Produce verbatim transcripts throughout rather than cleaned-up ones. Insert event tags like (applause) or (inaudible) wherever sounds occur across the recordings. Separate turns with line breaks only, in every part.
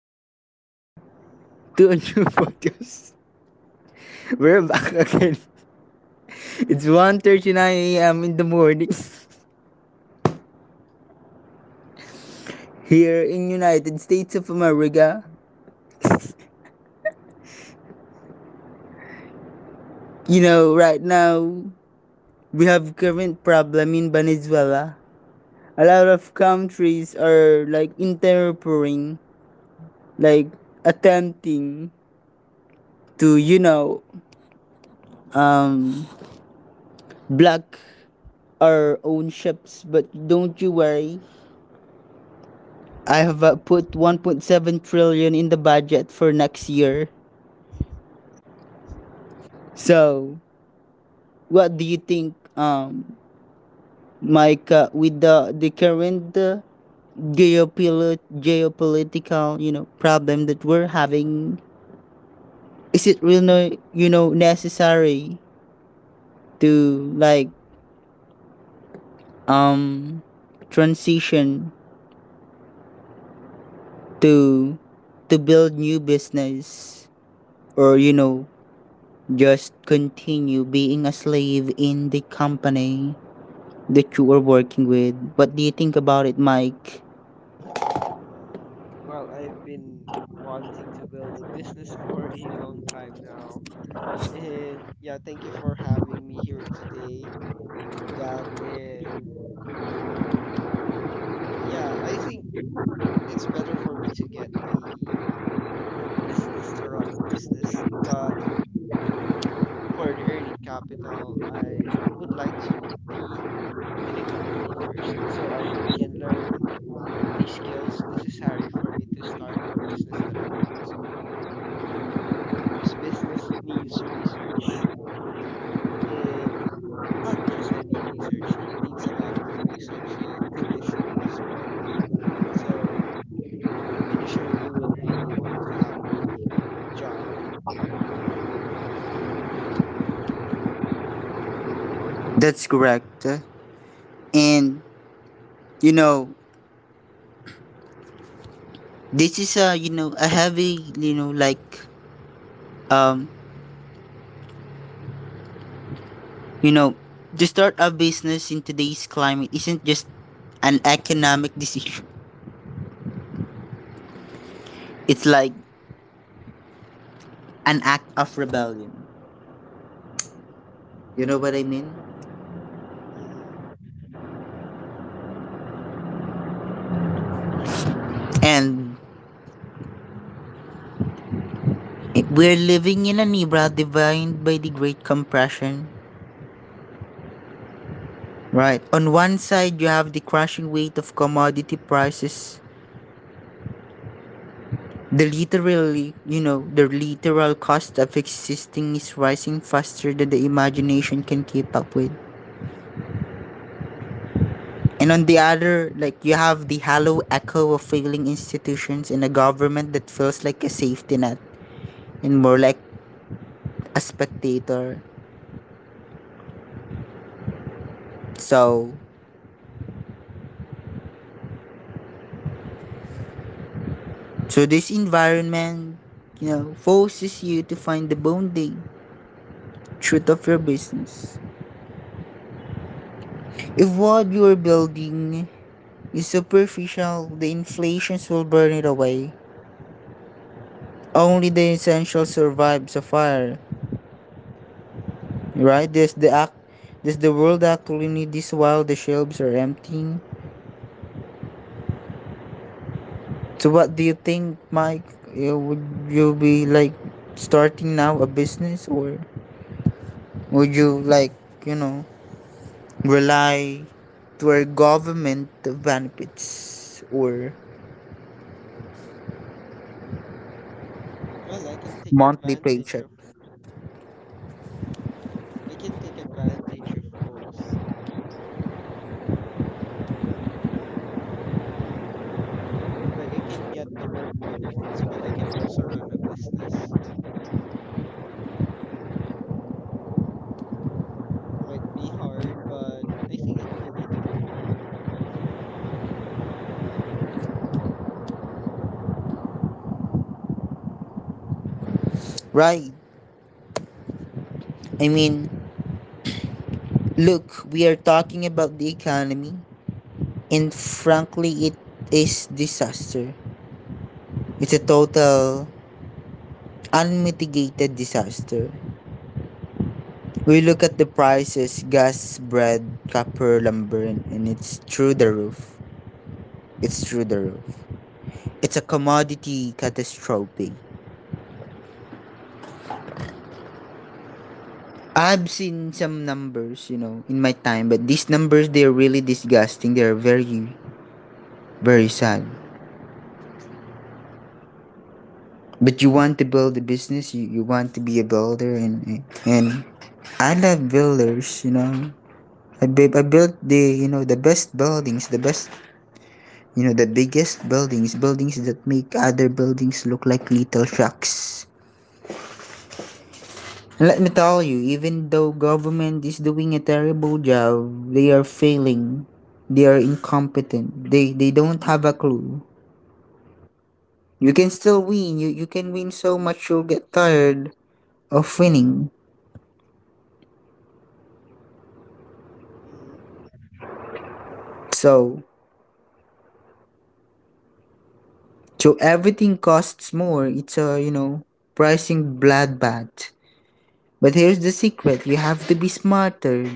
tuning in again to a new (laughs) podcast. We're back again. It's one thirty nine a m in the morning (laughs) here in United States of America. You know, right now we have current problem in Venezuela. A lot of countries are like interfering, like attempting to you know um block our own ships. But don't you worry, I have uh, put one point seven trillion in the budget for next year. So, what do you think, um, Mike, uh, with the the current uh, geopolit- geopolitical you know problem that we're having? Is it really no- you know necessary to like um transition to to build new business or you know just continue being a slave in the company that you are working with. What do you think about it, Mike?
Well, I've been wanting to build a business for a long time now. And yeah, thank you for having me here today, Gab. And yeah, I think it's better for me to get a business to run a business. But for the earning capital, I would like to be in a company first so I can learn the skills necessary for me to start the business that I want to. Because business needs research and not just any research. It needs a lot of research and conditioning as well. So initially, you would really want to have a job.
That's correct. And you know, this is a you know a heavy you know like um you know to start a business in today's climate isn't just an economic decision. It's like an act of rebellion. You know what I mean?
Hmm.
And we're living in an era defined by the Great Compression. Right. On one side, you have the crashing weight of commodity prices. The literally, you know, the literal cost of existing is rising faster than the imagination can keep up with. And on the other, like you have the hollow echo of failing institutions and a government that feels like a safety net and more like a spectator. So, so this environment, you know, forces you to find the bonding truth of your business. If what you are building is superficial, the inflations will burn it away. Only the essential survives a fire, right? Does the act, does the world actually need this while the shelves are emptying? So what do you think, Mike? Uh, Would you be like starting now a business, or would you like you know rely to our government benefits or
Well, I can take
monthly
advantage
paycheck?
of I can take advantage of both. Like I can get the work benefits, but I can also run a business. Might be hard, but I think it will be doable.
Right. I mean, look, we are talking about the economy, and frankly, it is disaster. It's a total unmitigated disaster. We look at the prices, gas, bread, copper, lumber, and it's through the roof. It's through the roof. It's a commodity catastrophe.
Mm-hmm.
I've seen some numbers, you know, in my time, but these numbers they're really disgusting. They're very, very sad. But you
Mm-hmm.
want to build a business, you, you want to be a builder, and and I love builders, you know. I, I built the you know the best buildings, the best You know, the biggest buildings, buildings that make other buildings look like little shacks. And let me tell you, even though government is doing a terrible job, they are failing. They are incompetent. They they don't have a clue. You can still win. You you can win so much you'll get tired of winning.
Mm-hmm.
So so everything costs more. It's a you know pricing bloodbath. But here's the secret: you have to be smarter.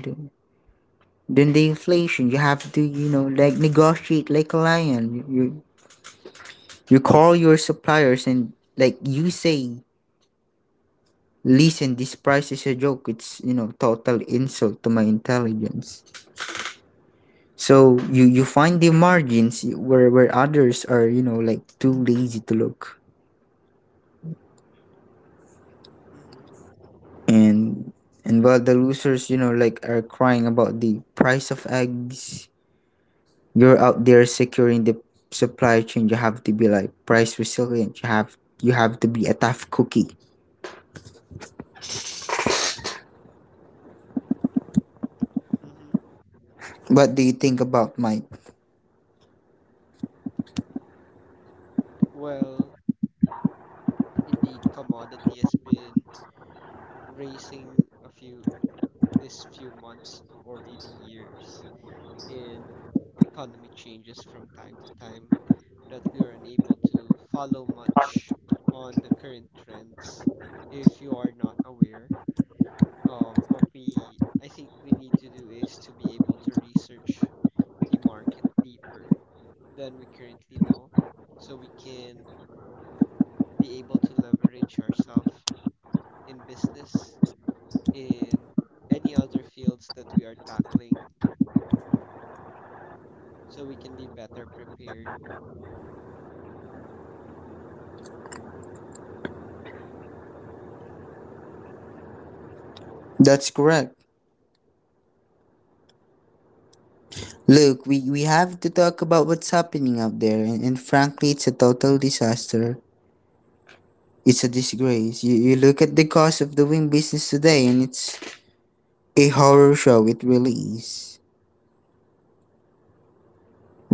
Then the inflation, you have to, you know, like negotiate like a lion. You you, you call your suppliers and like you say, listen, this price is a joke. It's you know total insult to my intelligence. So you you find the margins where where others are you know like too lazy to look.
Mm-hmm.
and and while the losers you know like are crying about the price of eggs, you're out there securing the supply chain. You have to be like price resilient. You have you have to be a tough cookie.
Mm-hmm.
What do you think about, Mike?
Well, indeed, commodity has been raising a few this few months or maybe years, and economy changes from time to time that we are unable to follow much on the current trends if you are not aware. Um, what we I think we need to do is to be able to research the market deeper than we currently know so we can be able to leverage ourselves in business in any other fields that we are tackling so we can be better prepared.
That's correct. Look, we we have to talk about what's happening out there, and, and frankly it's a total disaster. It's a disgrace. You, you look at the cost of doing business today, and it's a horror show. It really is.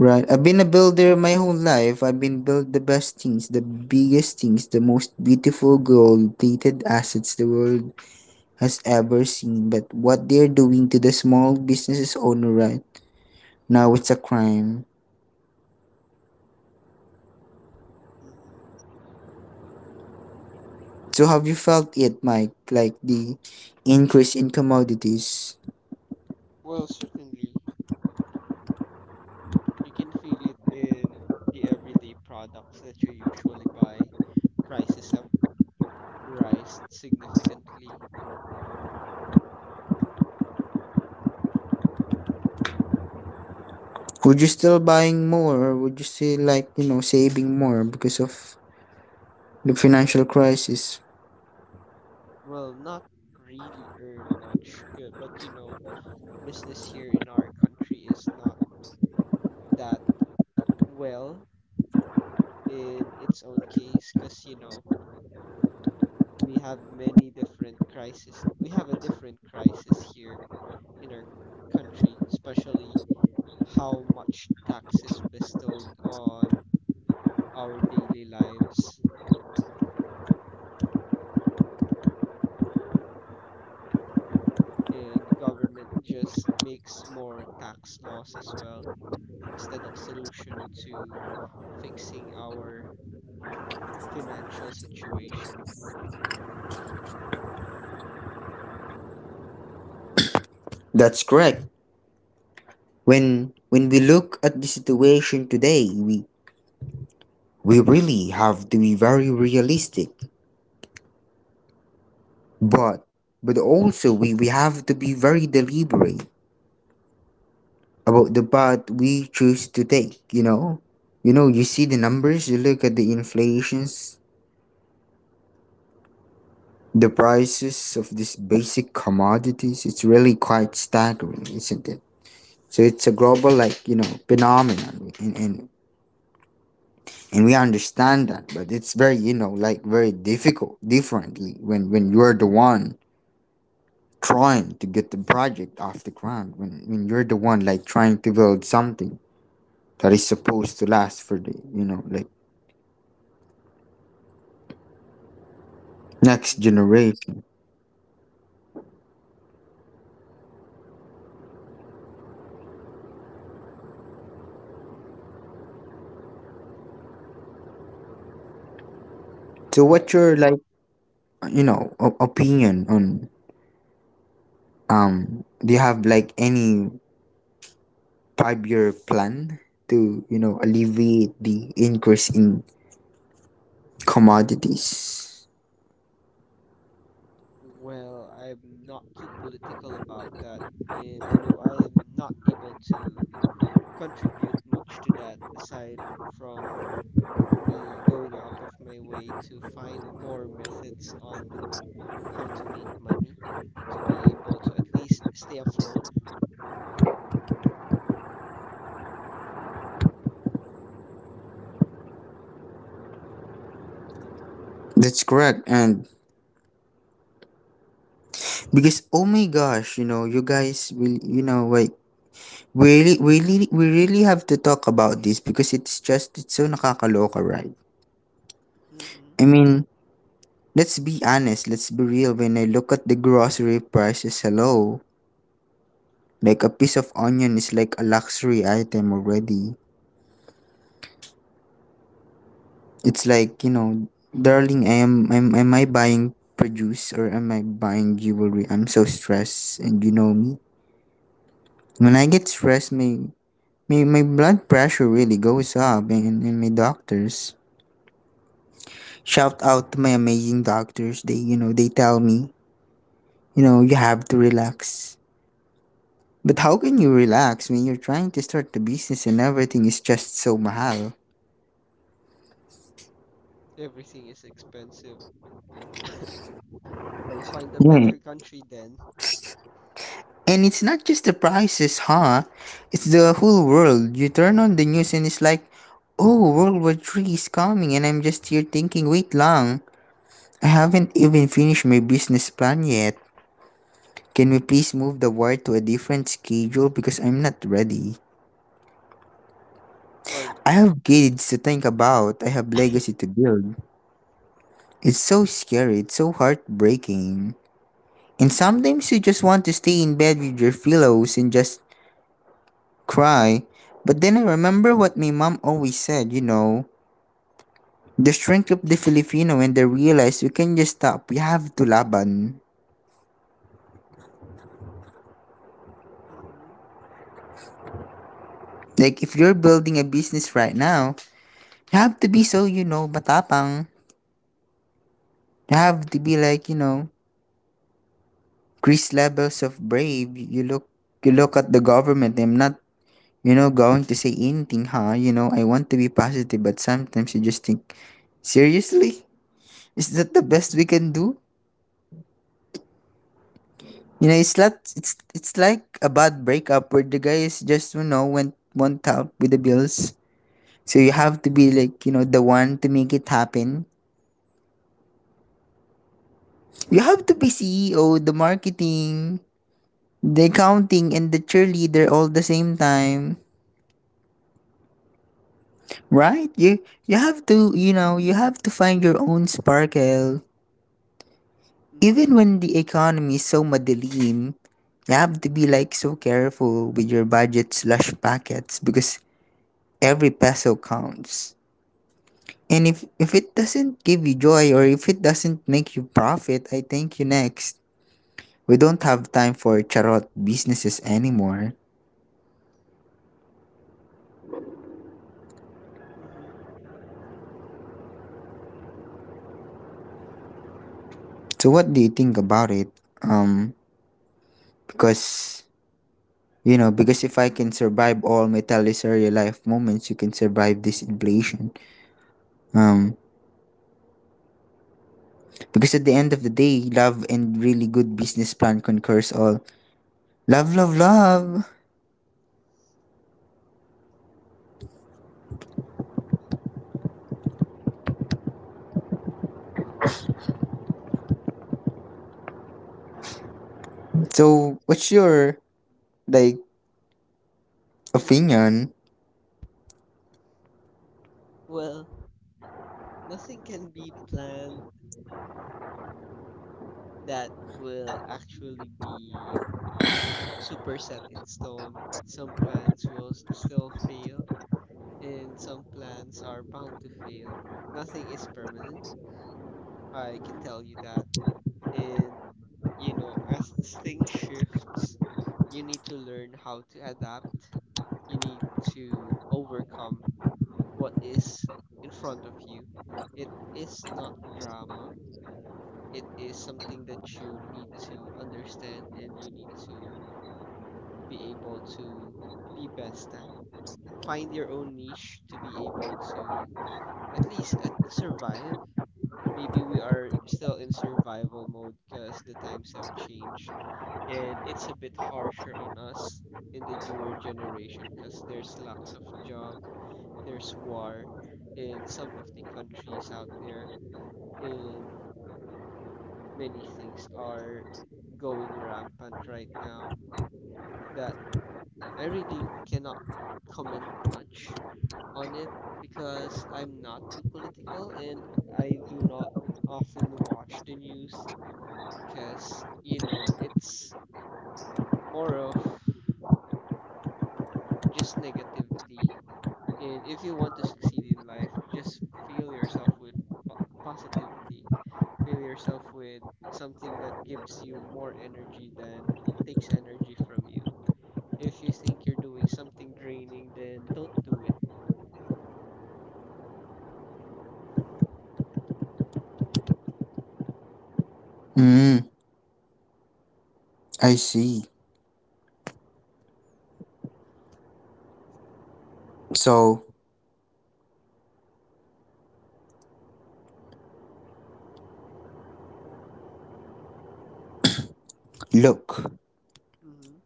Right. I've been a builder my whole life. I've been built the best things, the biggest things, the most beautiful gold plated assets the world has ever seen, but what they're doing to the small businesses owner right now, it's a crime.
Hmm.
So have you felt it, Mike? Like the increase in commodities?
Well, certainly, you can feel it in the everyday products that you usually buy. Prices have risen significantly.
Would you still buying more, or would you still like you know saving more because of the financial crisis?
Well, not really earn much good, but you know, business here in our country is not that well in its own case because you know, we have many different crises. We have a different crisis here in our country, especially how much tax is bestowed on our daily lives. And government just makes more tax laws as well instead of solution to fixing our financial situation.
That's correct. When when we look at the situation today, we we really have to be very realistic, but but also we, we have to be very deliberate about the path we choose to take, you know? You know, you see the numbers, you look at the inflations, the prices of these basic commodities, it's really quite staggering, isn't it? So it's a global like, you know, phenomenon, and, and and we understand that, but it's very, you know, like very difficult differently when when you're the one trying to get the project off the ground, when when you're the one like trying to build something that is supposed to last for the, you know, like next
Hmm.
generation. So what's
Well,
your like you know o- opinion on, um do you have like any five year plan to you know alleviate the increase in commodities?
well, I'm not too political about that, and I know I am not able to contribute much to that aside from me going out of my way to find more methods on how to make money to be able to at least stay afloat.
That's correct. And because oh my gosh, you know you guys will, you know like we really, we really we really have to talk about this because it's just it's so nakakaloka, right?
Hmm.
I mean, let's be honest, let's be real. When I look at the grocery prices, hello. Like a piece of onion is like a luxury item already. It's like, you know, darling, I am am, am I buying produce or am I buying jewelry? I'm so stressed and you know me. When I get stressed, my my, my blood pressure really goes up, and, and my doctors, shout out to my amazing doctors, they you know, they tell me, you know, you have to relax. But how can you relax when you're trying to start the business and everything is just so mahal?
Everything is expensive. Well, find a
Yeah,
better (laughs) country then.
and it's not just the prices, huh? It's the whole world. You turn on the news and it's like, oh, World War Three is coming, and I'm just here thinking, wait lang, I haven't even finished my business plan yet. Can we please move the war to a different schedule because I'm not ready?
Well.
I have kids to think about. I have legacy to build. It's so scary. It's so heartbreaking. And sometimes you just want to stay in bed with your pillows and just cry. But then I remember what my mom always said, you know, the strength of the Filipino when they realize we can just stop. We have to laban.
Hmm.
Like if you're building a business right now, you have to be so, you know, matapang. You have to be like, you know, Chris levels of brave. You you look you look at the government. I'm not, you know, going to say anything, huh? You know, I want to be positive, but sometimes you just think, seriously? Is that the best we can do? You know, it's not, it's it's like a bad breakup where the guy is just you know went went out with the bills. So you have to be like you know the one to make it happen. You have to be C E O, the marketing, the accounting, and the cheerleader all the same time, right? You you have to you know you have to find your own sparkle. Even
Hmm.
when the economy is so madilim, you have to be like so careful with your budget slash packets because every peso counts. And if if it doesn't give you joy or if it doesn't make you profit, I thank you next. We don't have time for charot businesses anymore.
Hmm.
So what do you think about it? Um because, you know, because if I can survive all my teleserye life moments, you can survive this inflation. Um because at the end of the day, love and really good business plan concurs all. Love, love, love. So what's your like opinion?
Well, nothing can be planned that will actually be super set in stone. Some plans will s- still fail, and some plans are bound to fail. Nothing is permanent, I can tell you that. And, you know, as things shifts, you need to learn how to adapt. You need to overcome what is in front of you. It is not drama. It is something that you need to understand and you need to be able to be best at. Find your own niche to be able to at least at survive. Maybe we are still in survival mode because the times have changed and it's a bit harsher on us in the newer generation because there's lacks of job, there's war in some of the countries out there, and many things are going rampant right now that I really cannot comment much on it because I'm not too political and I do not often watch the news because you know it's more of just negativity. And if you want to succeed in life you just fill yourself with po- positivity, fill yourself with something that gives you more energy than takes energy from you. If you think you're doing something draining then don't do it.
Mm, I see. So, look,
Mm-hmm.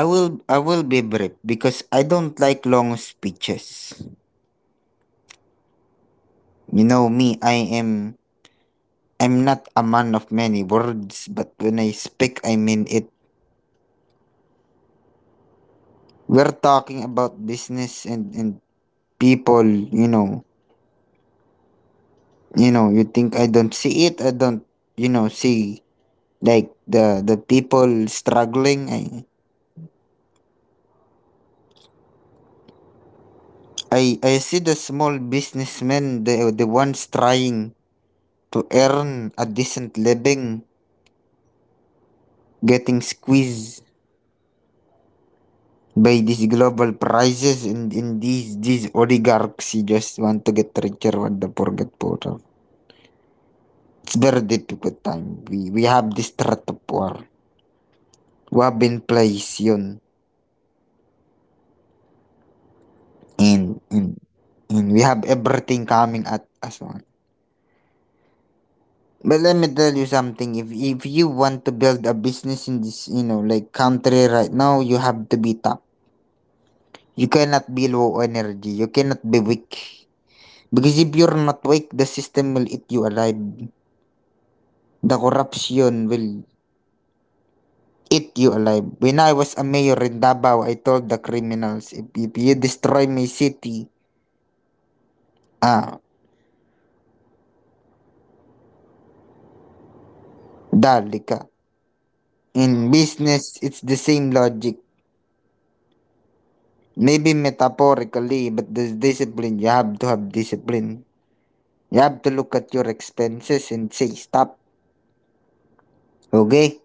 I will I will be brief because I don't like long speeches. You know me, I am I'm not a man of many words, but when I speak I mean it. We're talking about business and and people, you know. You know, you think I don't see it, I don't, you know, see like the the people struggling. I I I see the small businessmen, the the ones trying to earn a decent living, getting squeezed by these global prices, and in these these oligarchs who just want to get richer when the poor get poorer. It's very difficult time. We we have this threat of war. We have in place yun. And,
Mm-hmm.
and, and we have everything coming at us, man. But let me tell you something. If if you want to build a business in this, you know, like country right now, you have to be top. You cannot be low energy. You cannot be weak. Because if you're not weak, the system will eat you alive. The corruption will eat you alive. When I was a mayor in Davao, I told the criminals, if, if you destroy my city, ah, dali ka. In
Wow.
business, it's the same logic. Maybe metaphorically, but the discipline, you have to have discipline. You have to look at your expenses and say, stop. Okay?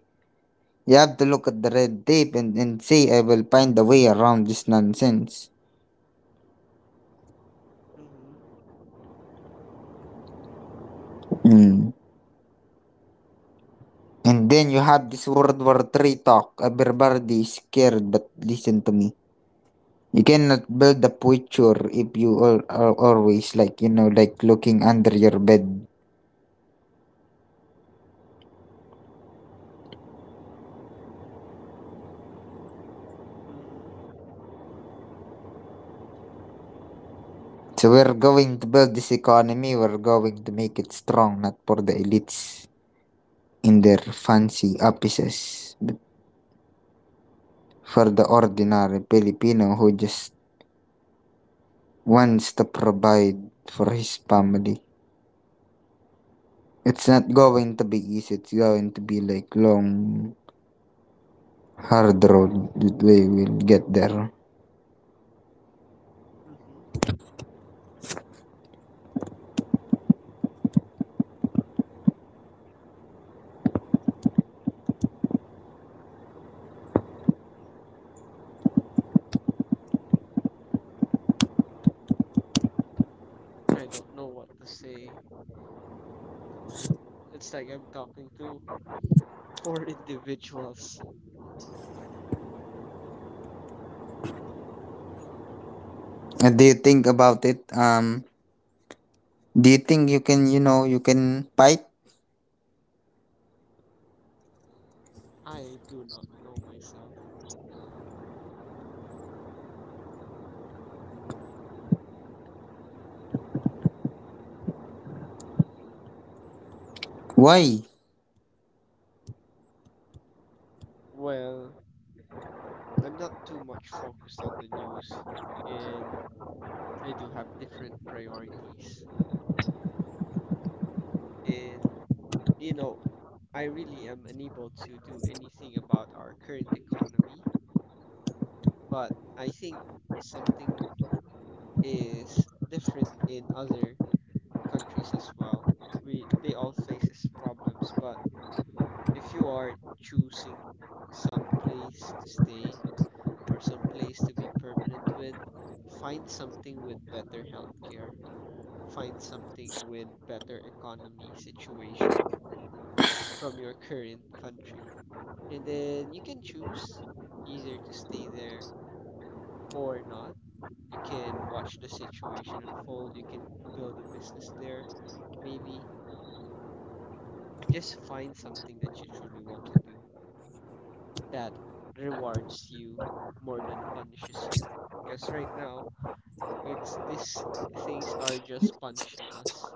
You have to look at the red tape and, and say, I will find a way around this nonsense.
Mm-hmm.
Hmm. And then you have this World War Three talk. Everybody is scared, but listen to me. You cannot build the future if you all are always like you know like looking under your bed.
Mm-hmm.
So we're going to build this economy. We're going to make it strong, not for the elites in their fancy offices, but for the ordinary Filipino who just wants to provide for his family. It's not going to be easy. It's going to be like long hard road that we will get there.
Mm-hmm. I don't know what to say. It's like I'm talking to (laughs) four individuals.
Uh, Do you think about it? Um, do you think you can, you know, you can fight?
I do not know myself.
Why?
Well, I'm not too much focused on the news, and I do have different priorities. And, you know, I really am unable to do anything about our current economy, but I think something is different in other countries as well. We they all faces problems, but if you are choosing some place to stay, or some place to be permanent with, find something with better healthcare, find something with better economy situation from your current country. And then you can choose either to stay there or not. You can watch the situation unfold, you can build a business there, maybe. Just find something that you truly want to do that rewards you more than punishes you. Because right now, it's these things are just punishing us,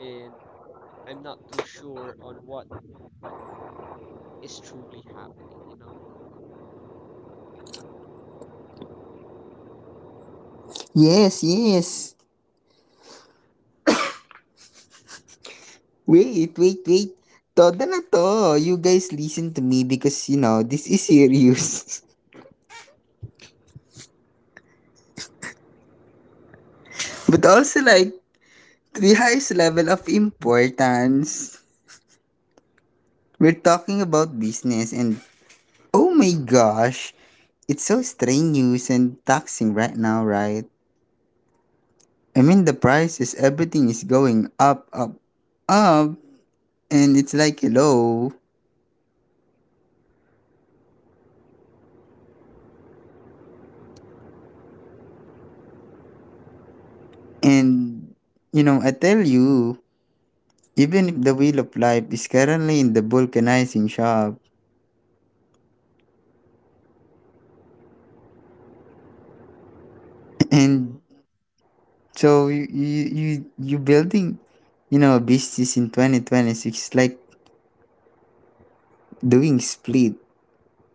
and I'm not too sure on what is truly happening, you know?
Yes, yes. Wait, wait, wait. Todo na to. You guys listen to me because, you know, this is serious. (laughs) But also, like, to the highest level of importance. We're talking about business and, oh my gosh, it's so strenuous and taxing right now, right? I mean, the prices, everything is going up, up, up, and it's like hello. And you know, I tell you, even if the wheel of life is currently in the vulcanizing shop, (laughs) (clears throat) and
Hmm.
so you you you, you building, you know, a business in twenty twenty six is like doing split.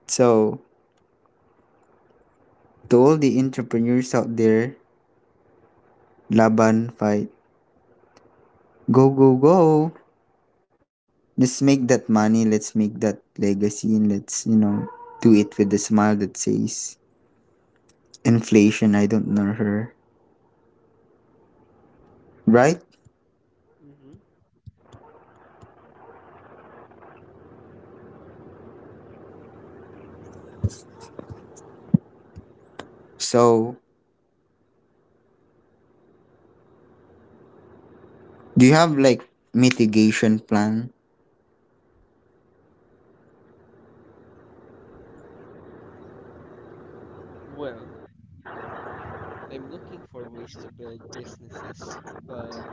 So to all the entrepreneurs out there, laban fight, go go go. Let's make that money, let's make that legacy, and let's, you know, do it with a smile that says, inflation, I don't know her. Right?
Hmm.
So, do you have like mitigation plan?
Well, I'm looking for ways to build businesses, but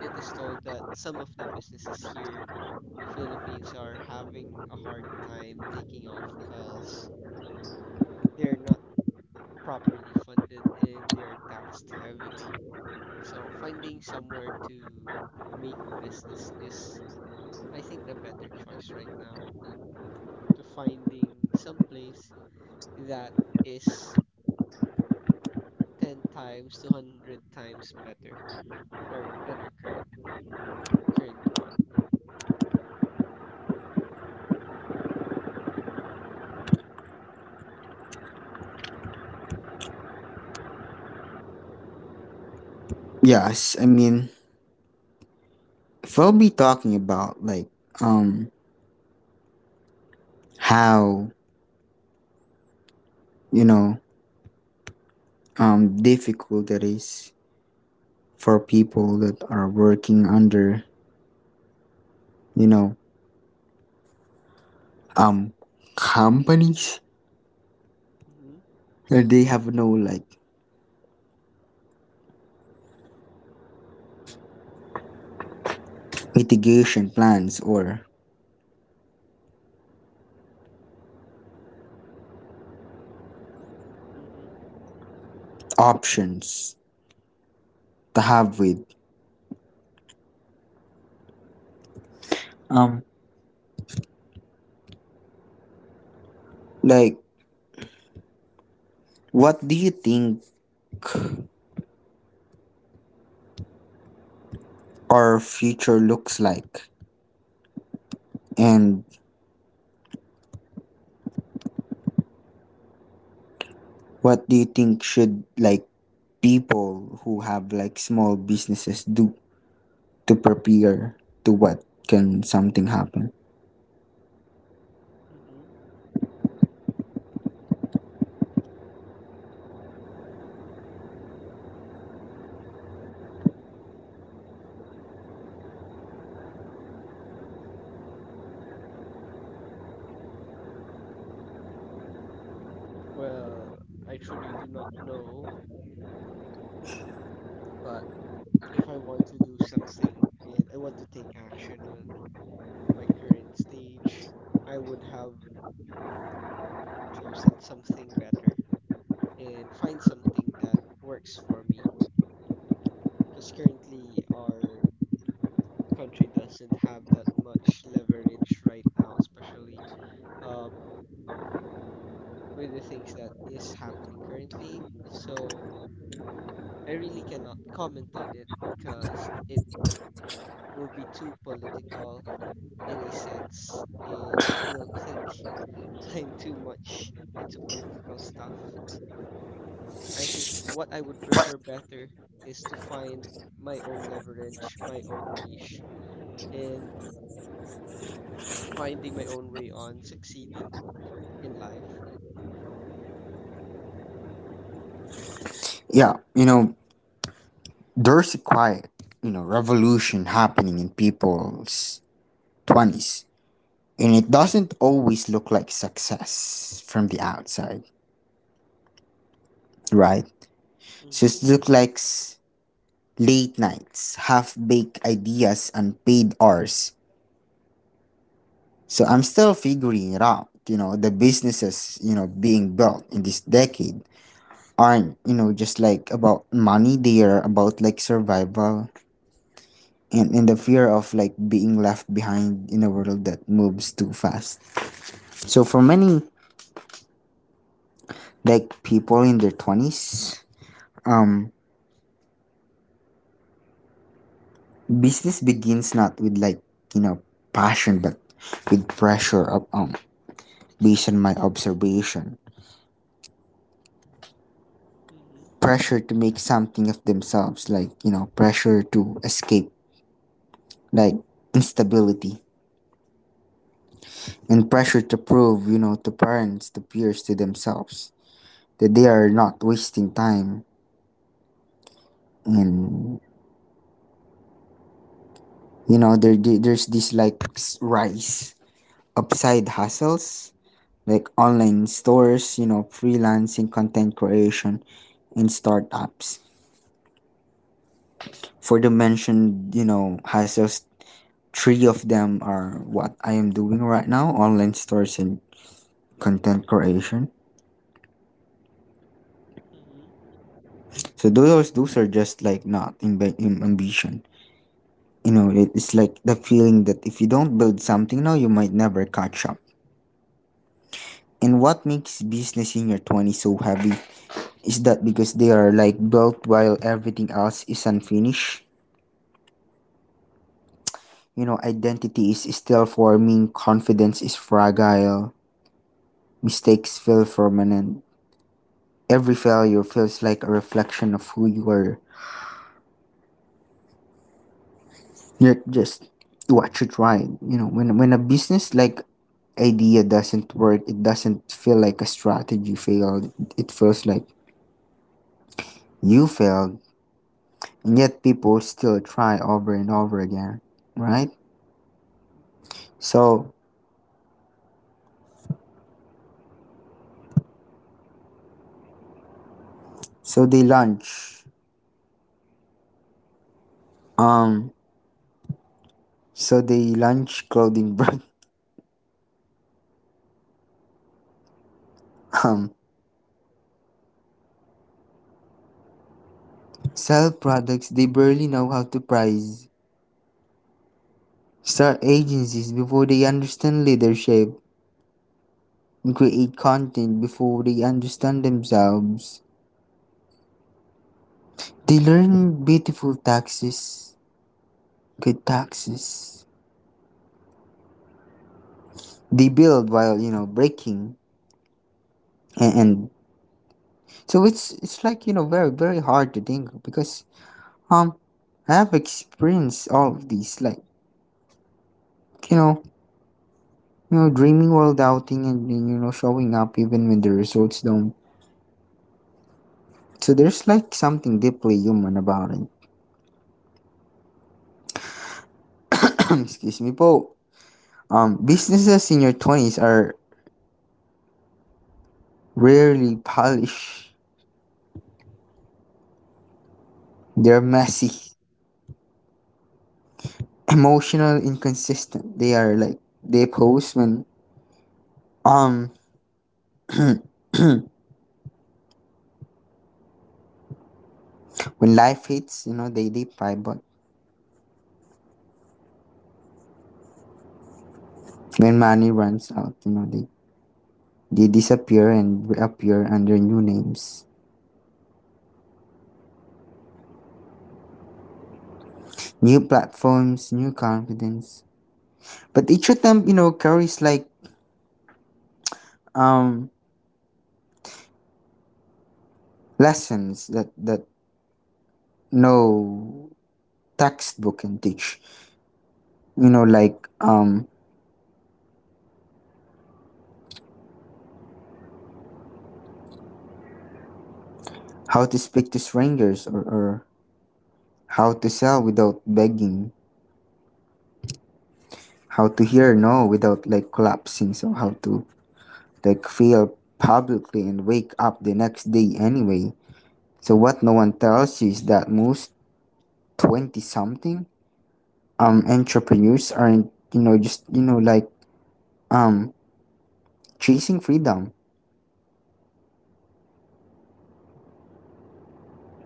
it is told that some of the businesses here in the Philippines are having a hard time taking off because they're not properly funded and they are taxed heavily. So finding somewhere to make business is I think the better choice right now to finding some place that is ten times two hundred times better or than our current current one.
Yes, I mean, if we'll be talking about like, um, how, you know, um, difficult it is for people that are working under, you know, um, companies
Mm-hmm,
that they have no like mitigation plans or
mm-hmm,
options to have with um like what do you think our future looks like and what do you think should like people who have like small businesses do to prepare to what can something happen?
mm-hmm. Well, I truly do not know, but if I want to do something and I want to take action on my current stage, I would have chosen something better and find something that works for me. Because currently our country doesn't have that much leverage right now, especially um, with the things that is happening currently. So I really cannot comment on it because it will be too political in a sense, and I don't think (laughs) I'm too much into political stuff. I think what I would prefer better is to find my own leverage, my own niche, and finding my own way on succeeding in life.
Yeah, you know there's a quiet you know revolution happening in people's twenties, and it doesn't always look like success from the outside, right? So
Mm-hmm.
it looks like s- late nights, half baked ideas, unpaid hours. So I'm still figuring it out. You know, the businesses, you know, being built in this decade aren't, you know, just like about money, they are about like survival and, and the fear of like being left behind in a world that moves too fast. So for many like people in their twenties, um, business begins not with like, you know, passion, but with pressure of, um, based on my observation
Mm-hmm.
pressure to make something of themselves, like, you know, pressure to escape, like instability, and pressure to prove, you know, to parents, to peers, to themselves that they are not wasting time. And, you know, there, there- there's this like s- rise of side hustles, like online stores, you know, freelancing, content creation, and startups. For the mentioned, you know, hustles, three of them are what I am doing right now online stores and content creation.
Mhm.
So those those are just like not in, in ambition. You know, it- it's like the feeling that if you don't build something now, you might never catch up. And what makes business in your twenties so heavy is that because they are like built while everything else is unfinished. You know, identity is still forming, confidence is fragile, mistakes feel permanent. Every failure feels like a reflection of who you are. Yeah, just watch you right. You know, when when a business like idea doesn't work, it doesn't feel like a strategy failed. It feels like you failed, and yet people still try over and over again, right?
Mhm.
So so they launch, um, so they launch clothing brand, (laughs) um, sell
Mhm.
products they barely know how to price, start agencies before they understand leadership, and create content before they understand themselves. They learn beautiful taxes, good taxes. They build while you know breaking, and, and so it's it's like you know very very hard to think because um I have experienced all of these like you know you know dreaming while doubting and, and you know showing up even when the results don't. So there's like something deeply human about it. (coughs) (clears throat) Excuse me, but um businesses in your twenties are rarely polished. They're messy
Mhm.
emotional inconsistent they are like they post when um (clears throat) when life hits you know they they fight, but when money
Mhm.
runs out you know they they disappear and reappear under new names new platforms new confidence but each of them you know carries like um lessons that that no textbook can teach you know like um how to speak to strangers or, or how to sell without begging how to hear no without like collapsing so how to like fail publicly and wake up the next day anyway so what no one tells you is that most twenty something um entrepreneurs aren't you know just you know like um chasing freedom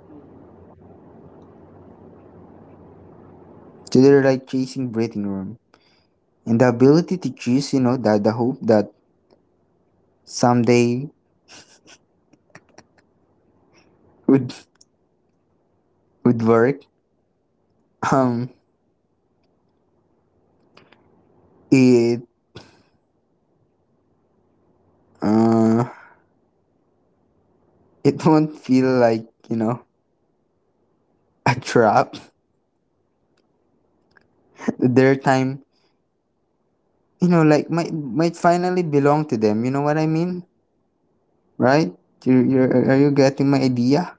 Mhm.
so they're like chasing breathing room and the ability to choose you know that the hope that someday would would work um it uh it (laughs) won't feel like you know a trap. (laughs) Their time you know like might might finally belong to them, you know what I mean? Right? You're, you're are are you getting my idea?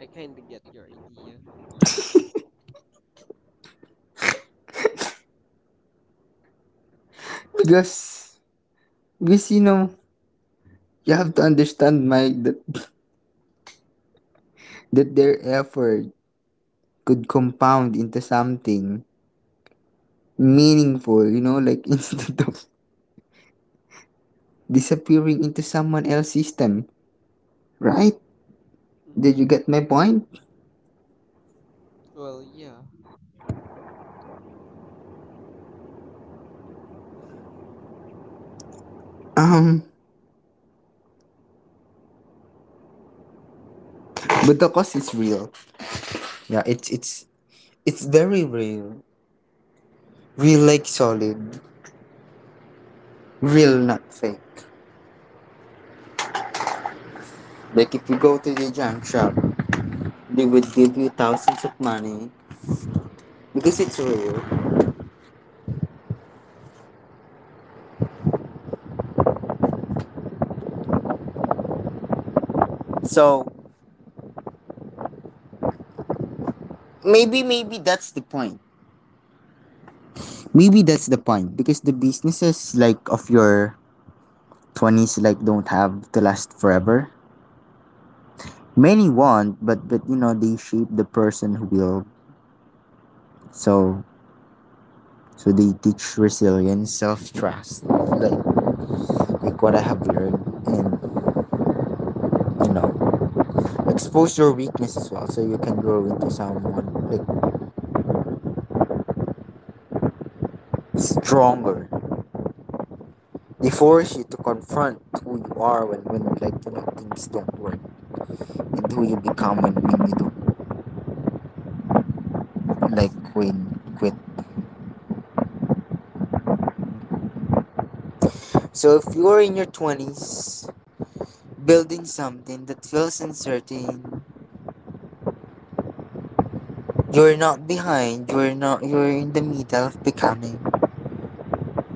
I kind of get your idea.
Because because you know you have to understand my that, that their effort could compound into something meaningful, you know, like (laughs) instead of disappearing into someone else's system, right? Did you
Mhm.
get my point?
Well, yeah.
um but the cost is real. Yeah, it's it's it's very real, real like solid, real not fake. Like if you go to the junk shop, they would give you thousands of money because it's real.
Mhm.
So maybe maybe that's the point. Maybe that's the point because the businesses like of your twenties like don't have to last forever. Many won't, but but you know they shape the person who will. So so they teach resilience, self trust, like like what I have learned, and you know expose your weakness as well, so you can grow into someone like stronger. They force you to confront who you are when when like you know things don't work, and who you become when, when you don't, like when you quit.
Mhm.
So if you're in your twenties building something that feels uncertain, you're not behind, you're not you're in the middle of becoming.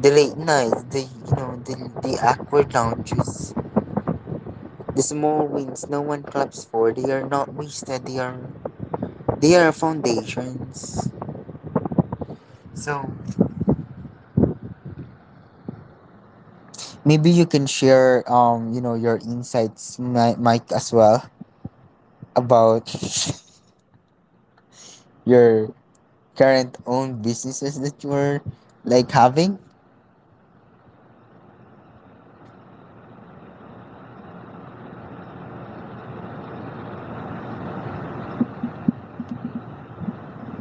The late nights, the you know the, the awkward lounges, the small wins no one claps for, they are not wasted, they are they are foundations. So maybe you can share um, you know, your insights, Mi- Mike, as well about (laughs) your current own businesses that you're like having.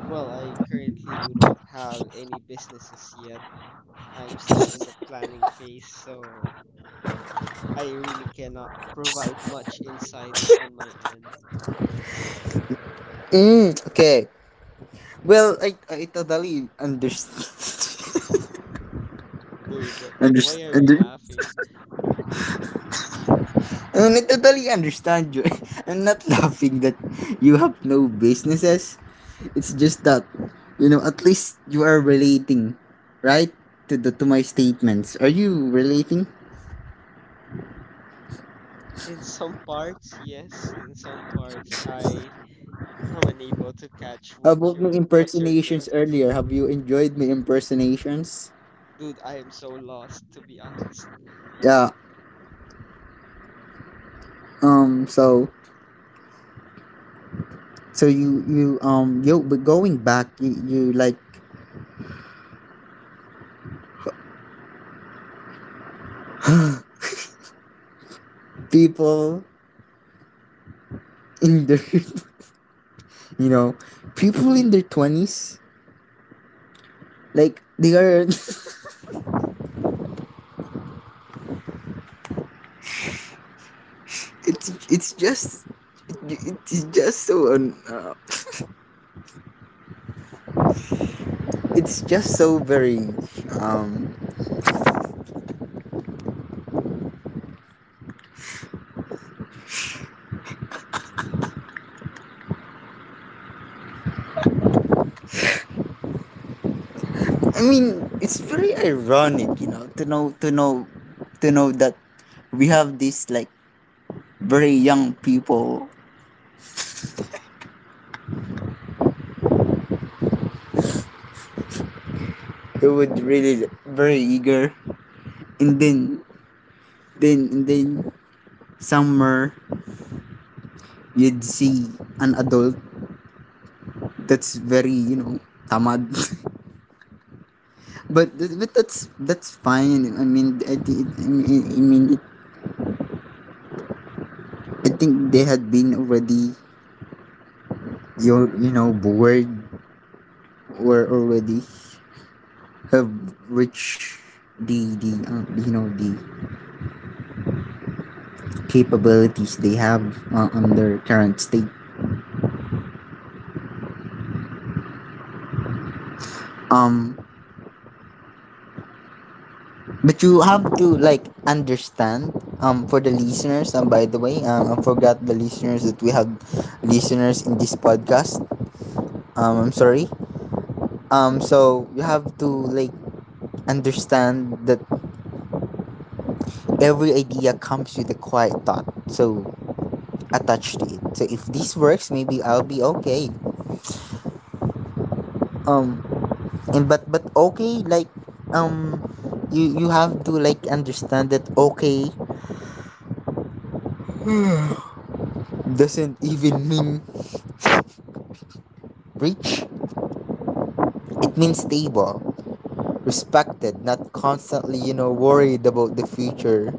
Well, I currently do not have any businesses yet. I'm still in the planning phase, so I really cannot provide much insight on my end.
Mm, okay. Well, I, I totally understand. (laughs)
Dude, what, I, why are you
Understand.
laughing?
And I totally understand you. (laughs) I'm not laughing that you have no businesses. It's just that, you know, at least you are relating, right? To the to my statements. Are you relating?
In some parts, yes. In some parts, I am unable to catch
How
what
about my
your what's your
impersonations
drift.
earlier, have you enjoyed my impersonations?
Dude, I am so lost, to be honest.
Yeah. Um. So. So you you um yo but going back you you like people in their (laughs) you know people in their twenties like they are (laughs) it's it's just It, it's just so un, uh, it's just so very um I mean it's very ironic you know to know to know to know that we have this like very young people who would really very eager and then then and then somewhere you'd see an adult that's very you know tamad. (laughs) but but that's that's fine. i mean i, think I mean, I, mean it, I think they had been already your you know bored were already have reached the the uh, you know the capabilities they have uh, on their current state. um But you have to like understand um for the listeners, and by the way um I forgot the listeners that we have listeners in this podcast. um I'm sorry. Um so you have to like understand that every idea comes with a quiet thought so attached to it, so if this works maybe I'll be okay. um and but but Okay like um you you have to like understand that okay doesn't even mean rich. It means stable, respected, not constantly, you know, worried about the future.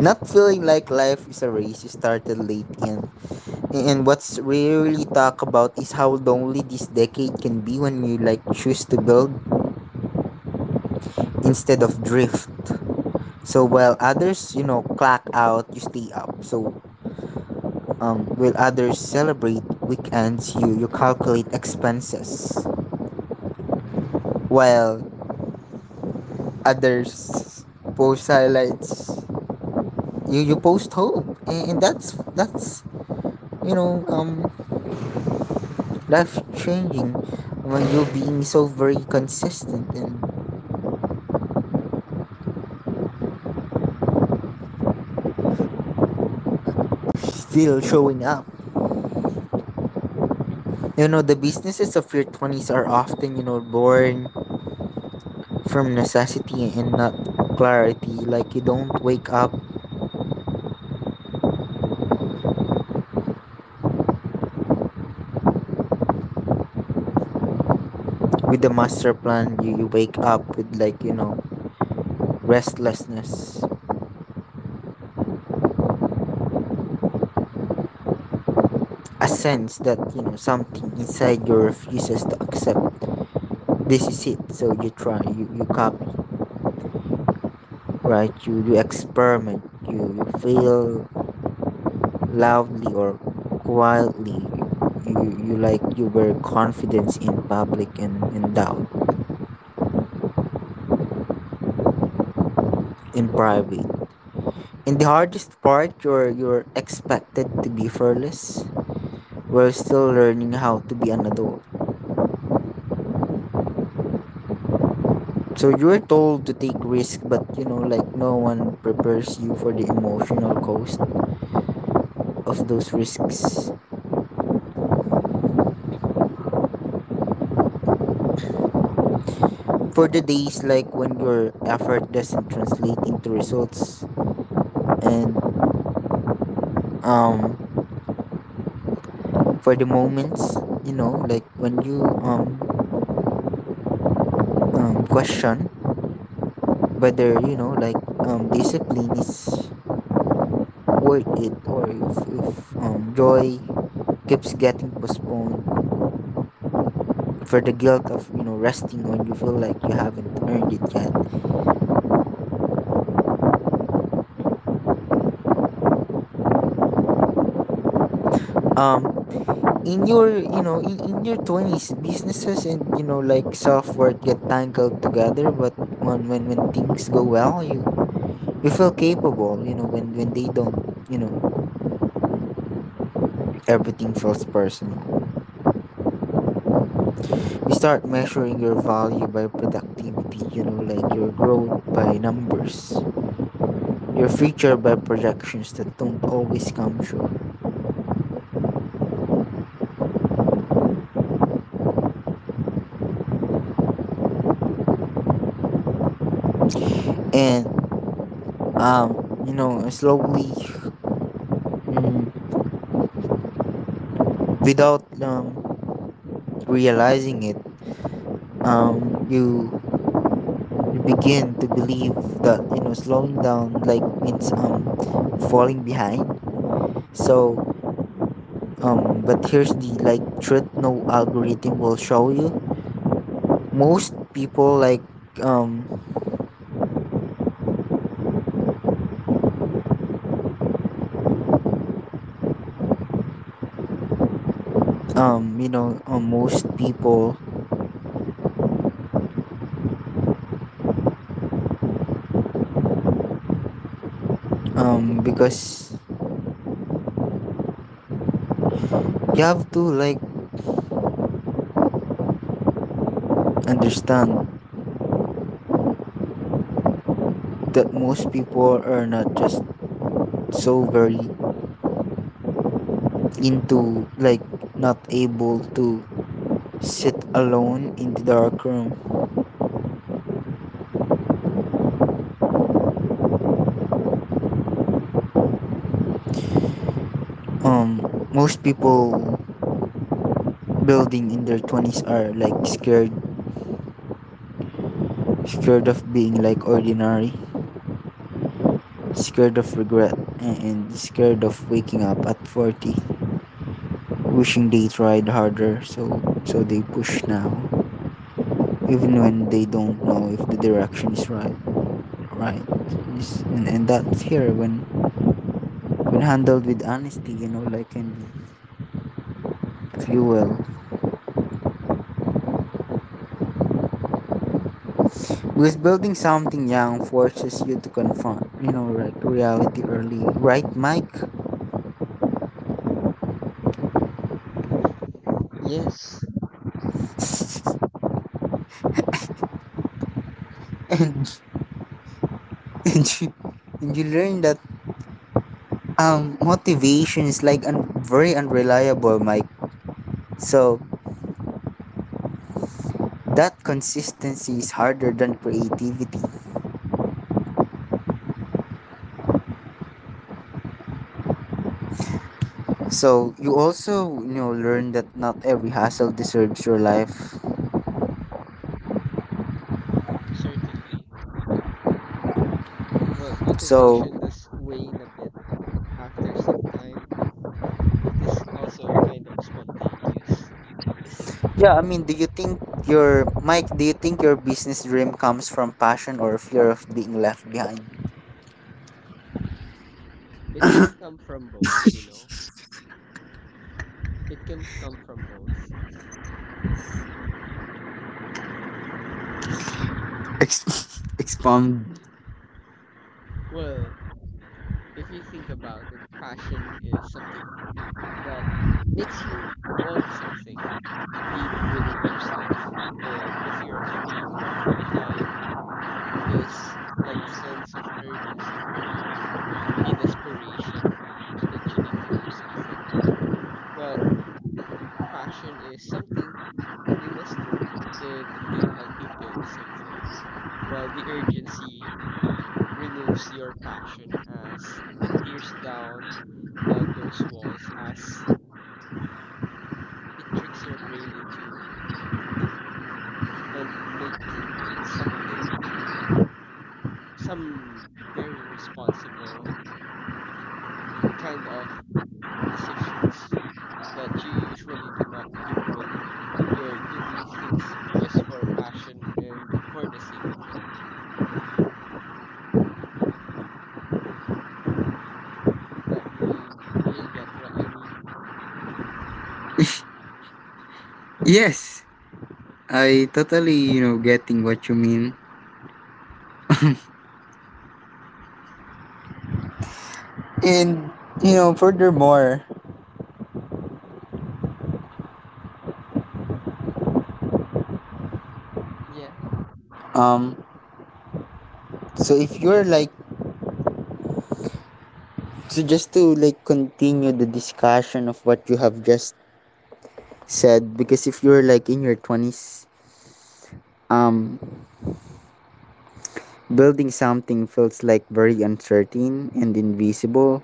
Not feeling like life is a race you started late in. And what's rarely talked about is how lonely this decade can be when you like choose to build instead of drift. So while others, you know, clock out, you stay up. So um, while others celebrate weekends, you you calculate expenses. While others post highlights, you you post hope, and, and that's that's you know um life changing when you're being so very consistent and still showing up. You know the businesses of your twenties are often you know born from necessity and not clarity. Like you don't wake up with a master plan, you, you wake up with like you know restlessness, a sense that you know something inside you refuses to accept this is it. So you try, you, you copy, right? You, you experiment, you, you feel loudly or quietly. You, you like you were confidence in public and in doubt in private. In the hardest part, you're you're expected to be fearless. We're still learning how to be an adult. So you're told to take risk, but you know, like no one prepares you for the emotional cost of those risks. For the days like when your effort doesn't translate into results, and um for the moments you know like when you um, um question whether you know like um discipline is worth it, or if, if um joy keeps getting postponed, for the guilt of you know resting when you feel like you haven't earned it yet um in your you know in, in your twenties, businesses and you know like self-worth get tangled together, but when when, when things go well, you you feel capable. You know when when they don't, you know everything feels personal. You start measuring your value by productivity, you know, like your growth by numbers, your future by projections that don't always come true. And, um, you know, Slowly, mm, without um, realizing it, um, you, you begin to believe that, you know, slowing down, like, means um, falling behind. So, um, but here's the like truth no algorithm will show you. Most people like um um you know uh, most people um because you have to like understand that most people are not just so very into like not able to sit alone in the dark room um Most people building in their twenties are like scared, scared of being like ordinary, scared of regret, and scared of waking up at forty wishing they tried harder. So so they push now even when they don't know if the direction is right. Right. Yes, and, and that's here when when handled with honesty, you know like can be fuel, because building something young forces you to confront you know like reality early, right, Mike?
Yes.
(laughs) and and you, and you learn that um motivation is like un- very unreliable, Mike, so that consistency is harder than creativity. So you also you know learn that not every hassle deserves your life.
Certainly. Well, motivation
So
does wane a bit after some time. It is also kind of spontaneous, isn't it?
yeah, I mean, do you think your Mike? Do you think your business dream comes from passion or fear of being left behind?
It can come from both, you know? It can come from both.
Ex- (laughs) expound.
Well, if you think about it, passion is something that makes you want something deep within yourself. And the fear of being left behind is like a sense of urgency for you, a desperation that you need to do something. Well, passion is something you must do and it can help you build something, while the urgency removes your passion as it tears down on those walls as it tricks your brain into committing and making something some very responsible kind of decisions. That you usually do not do when you're doing things just for passion and for the sake of it. Like you, you get what I mean?
Yes, I totally you know getting what you mean. And you know, furthermore,
Yeah.
um, so if you're like, so just to like continue the discussion of what you have just said, because if you're like in your twenties, um. building something feels like very uncertain and invisible.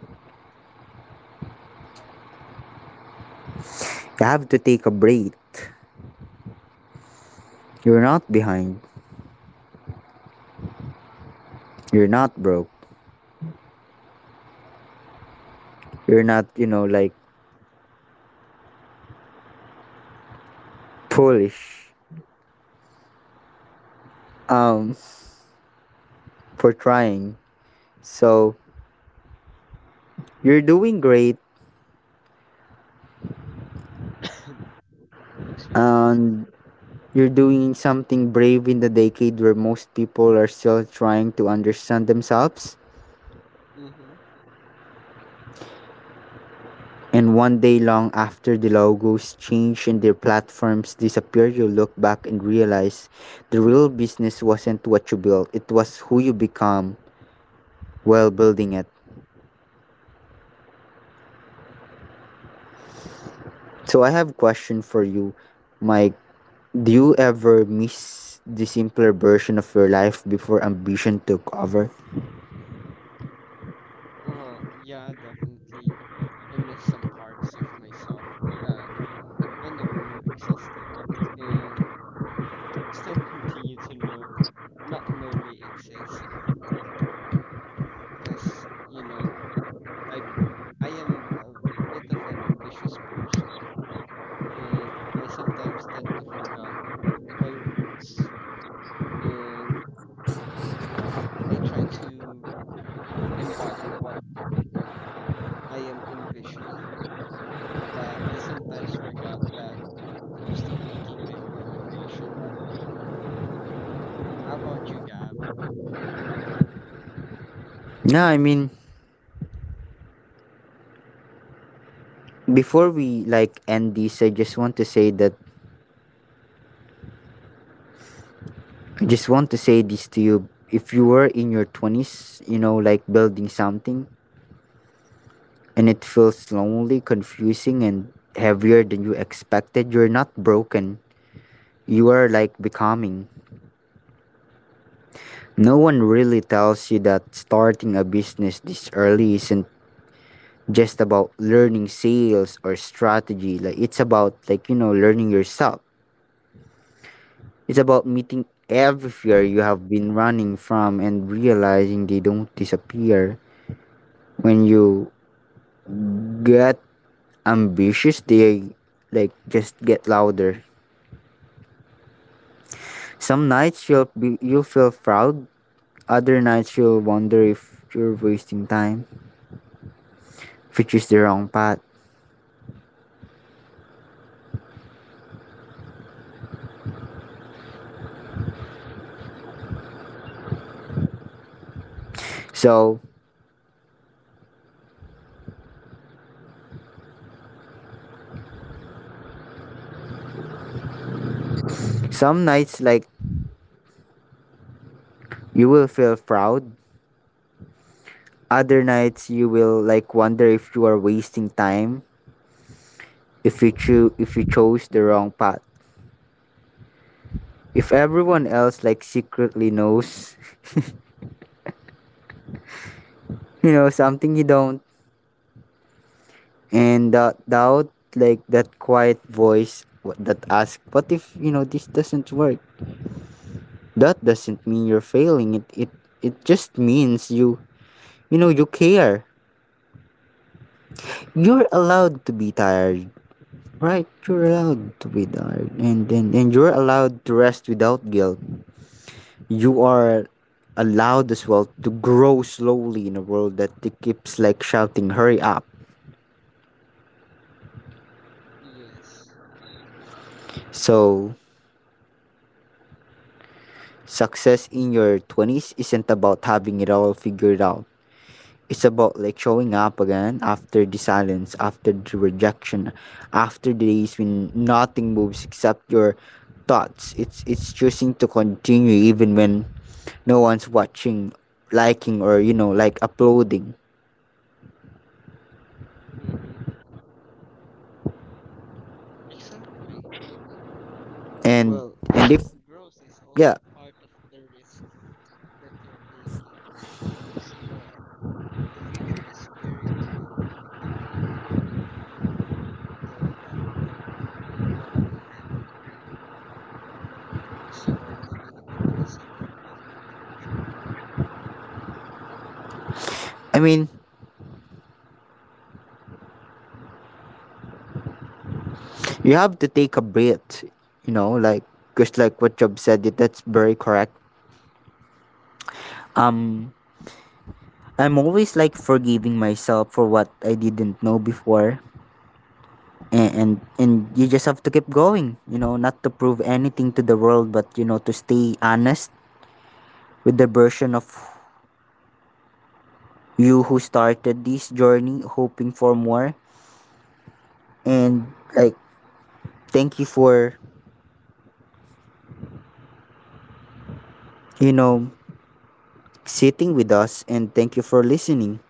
You have to take a break. You're not behind. You're not broke. You're not, you know, like foolish um for trying. So you're doing great,
Excuse me.
and you're doing something brave in the decade where most people are still trying to understand themselves.
Mm-hmm.
And one day long after the logos changed and their platforms disappeared, you look back and realize the real business wasn't what you built, it was who you become while building it. So I have a question for you, Mike. Do you ever miss the simpler version of your life before ambition took over?
Well, yeah, definitely. I miss some parts of myself that I never knew existed and still (laughs) continue to know, not know they exist. Because, you know, I I am a, a bit of an ambitious person and I sometimes tend to forget my roots and I try to embody what I am envisioning that I sometimes forgot that I'm still making my own foundation. How about you, Gab?
No, I mean before we like end this, I just want to say that I just want to say this to you. If you were in your twenties, you know, like building something, and it feels lonely, confusing, and heavier than you expected, you're not broken. You are like becoming. No one really tells you that starting a business this early isn't just about learning sales or strategy. Like it's about like you know learning yourself. It's about meeting every fear you have been running from and realizing they don't disappear. When you get ambitious, they like just get louder. Some nights you'll be, you'll feel proud, other nights you'll wonder if you're wasting time, if you choose the wrong path.
Mm-hmm.
So
Yeah.
some nights like you will feel proud, other nights you will like wonder if you are wasting time, if you cho- if you chose the wrong path. If everyone else like secretly knows, (laughs) you know something you don't, and that doubt like that quiet voice wh- that asks, what if you know this doesn't work? That doesn't mean you're failing, it it it just means you, you know you care. You're allowed to be tired. Right, you're allowed to be tired, and then and, and you're allowed to rest without guilt. You are allowed as well to grow slowly in a world that keeps like shouting hurry up.
Yes.
So success in your twenties isn't about having it all figured out. It's about like showing up again after the silence, after the rejection, after the days when nothing moves except your thoughts. It's it's choosing to continue even when no one's watching, liking, or you know, like uploading.
Mm-hmm. Exactly.
And
Well,
and if
growth is also
yeah,
a part of the risk that you're taking because you are, the future is very, very unpredictable. You do not know what will happen because you are living in the present and not the future.
I mean, you have to take a breath, you know, like just like what Job said, it that's very correct. Um I'm always like forgiving myself for what I didn't know before. And and and you just have to keep going, you know not to prove anything to the world, but you know to stay honest with the version of you who started this journey hoping for more. And like thank you for you know sitting with us, and thank you for listening,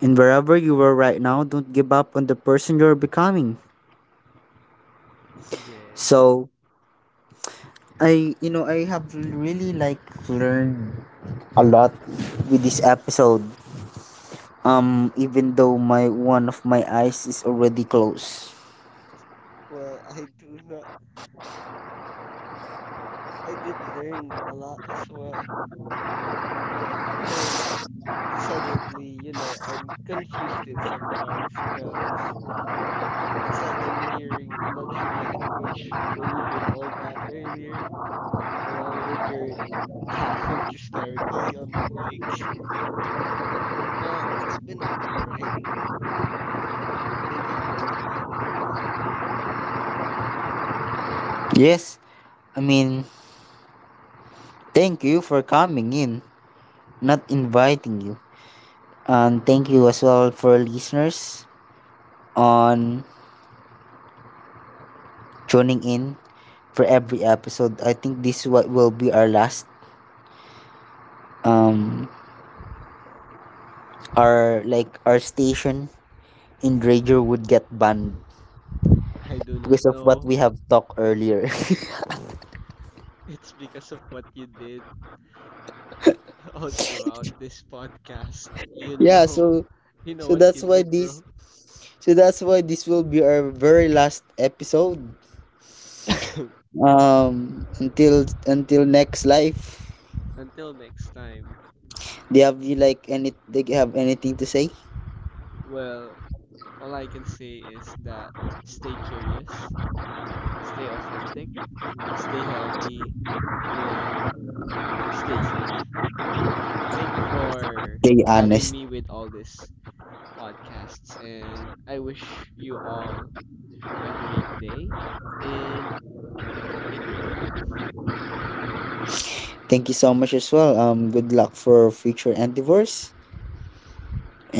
and wherever you are right now, don't give up on the person you're becoming.
Yes.
So i you know i have really like learned a lot with this episode, um even though my one of my eyes is already closed.
Well, I do not. I did learn a lot as well. And suddenly, you know, I'm confused in some parts because it's like I'm hearing another (laughs) language when you did all that earlier, along with your (laughs) laughing hysterically on the mic. But it's been a fun ride, bro. Thank you for inviting me.
Yes, I mean thank you for coming in, not inviting you. And thank you as well for listeners on tuning in for every episode. I think this what will be our last um our like our station in Ranger would get banned
I do not
because of what
know.
we have talked earlier.
It's because of what you did (laughs) all throughout this podcast. You
(laughs) Yeah,
know.
so
You know
so
what
that's
you
why
did,
this
bro.
so that's why this will be our very last episode. Um, until until next life.
(coughs) Until next time.
Do you have
s-
you like any? Do you have anything to say?
Well, all I can say is that stay curious, stay authentic, stay healthy, and stay safe. Thank you for
Stay
having
honest.
me with all these podcasts, and I wish you all a great day and a great life.
Thank you so much as well. Um, good luck for future endeavors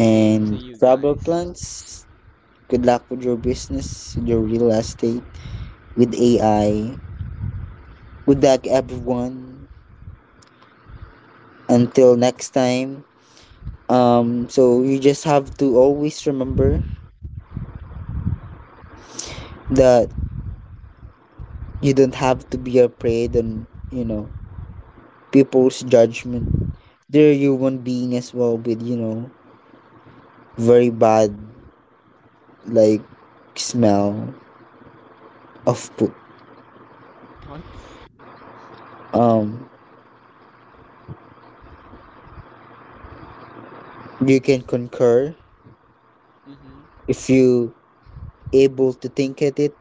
Same to you
travel
guys.
plans. Good luck with your business, with your real estate, with A I. Good luck, everyone. Until next time. Um, so you just have to always remember that you don't have to be afraid on you know people's judgment, they're human being as well with you know very bad like smell of poop
What?
um you can concur
Mm hmm.
if you able to think at it,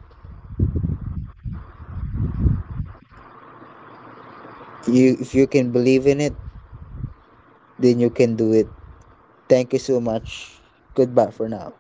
you if you can believe in it, then you can do it. Thank you so much. Goodbye for now.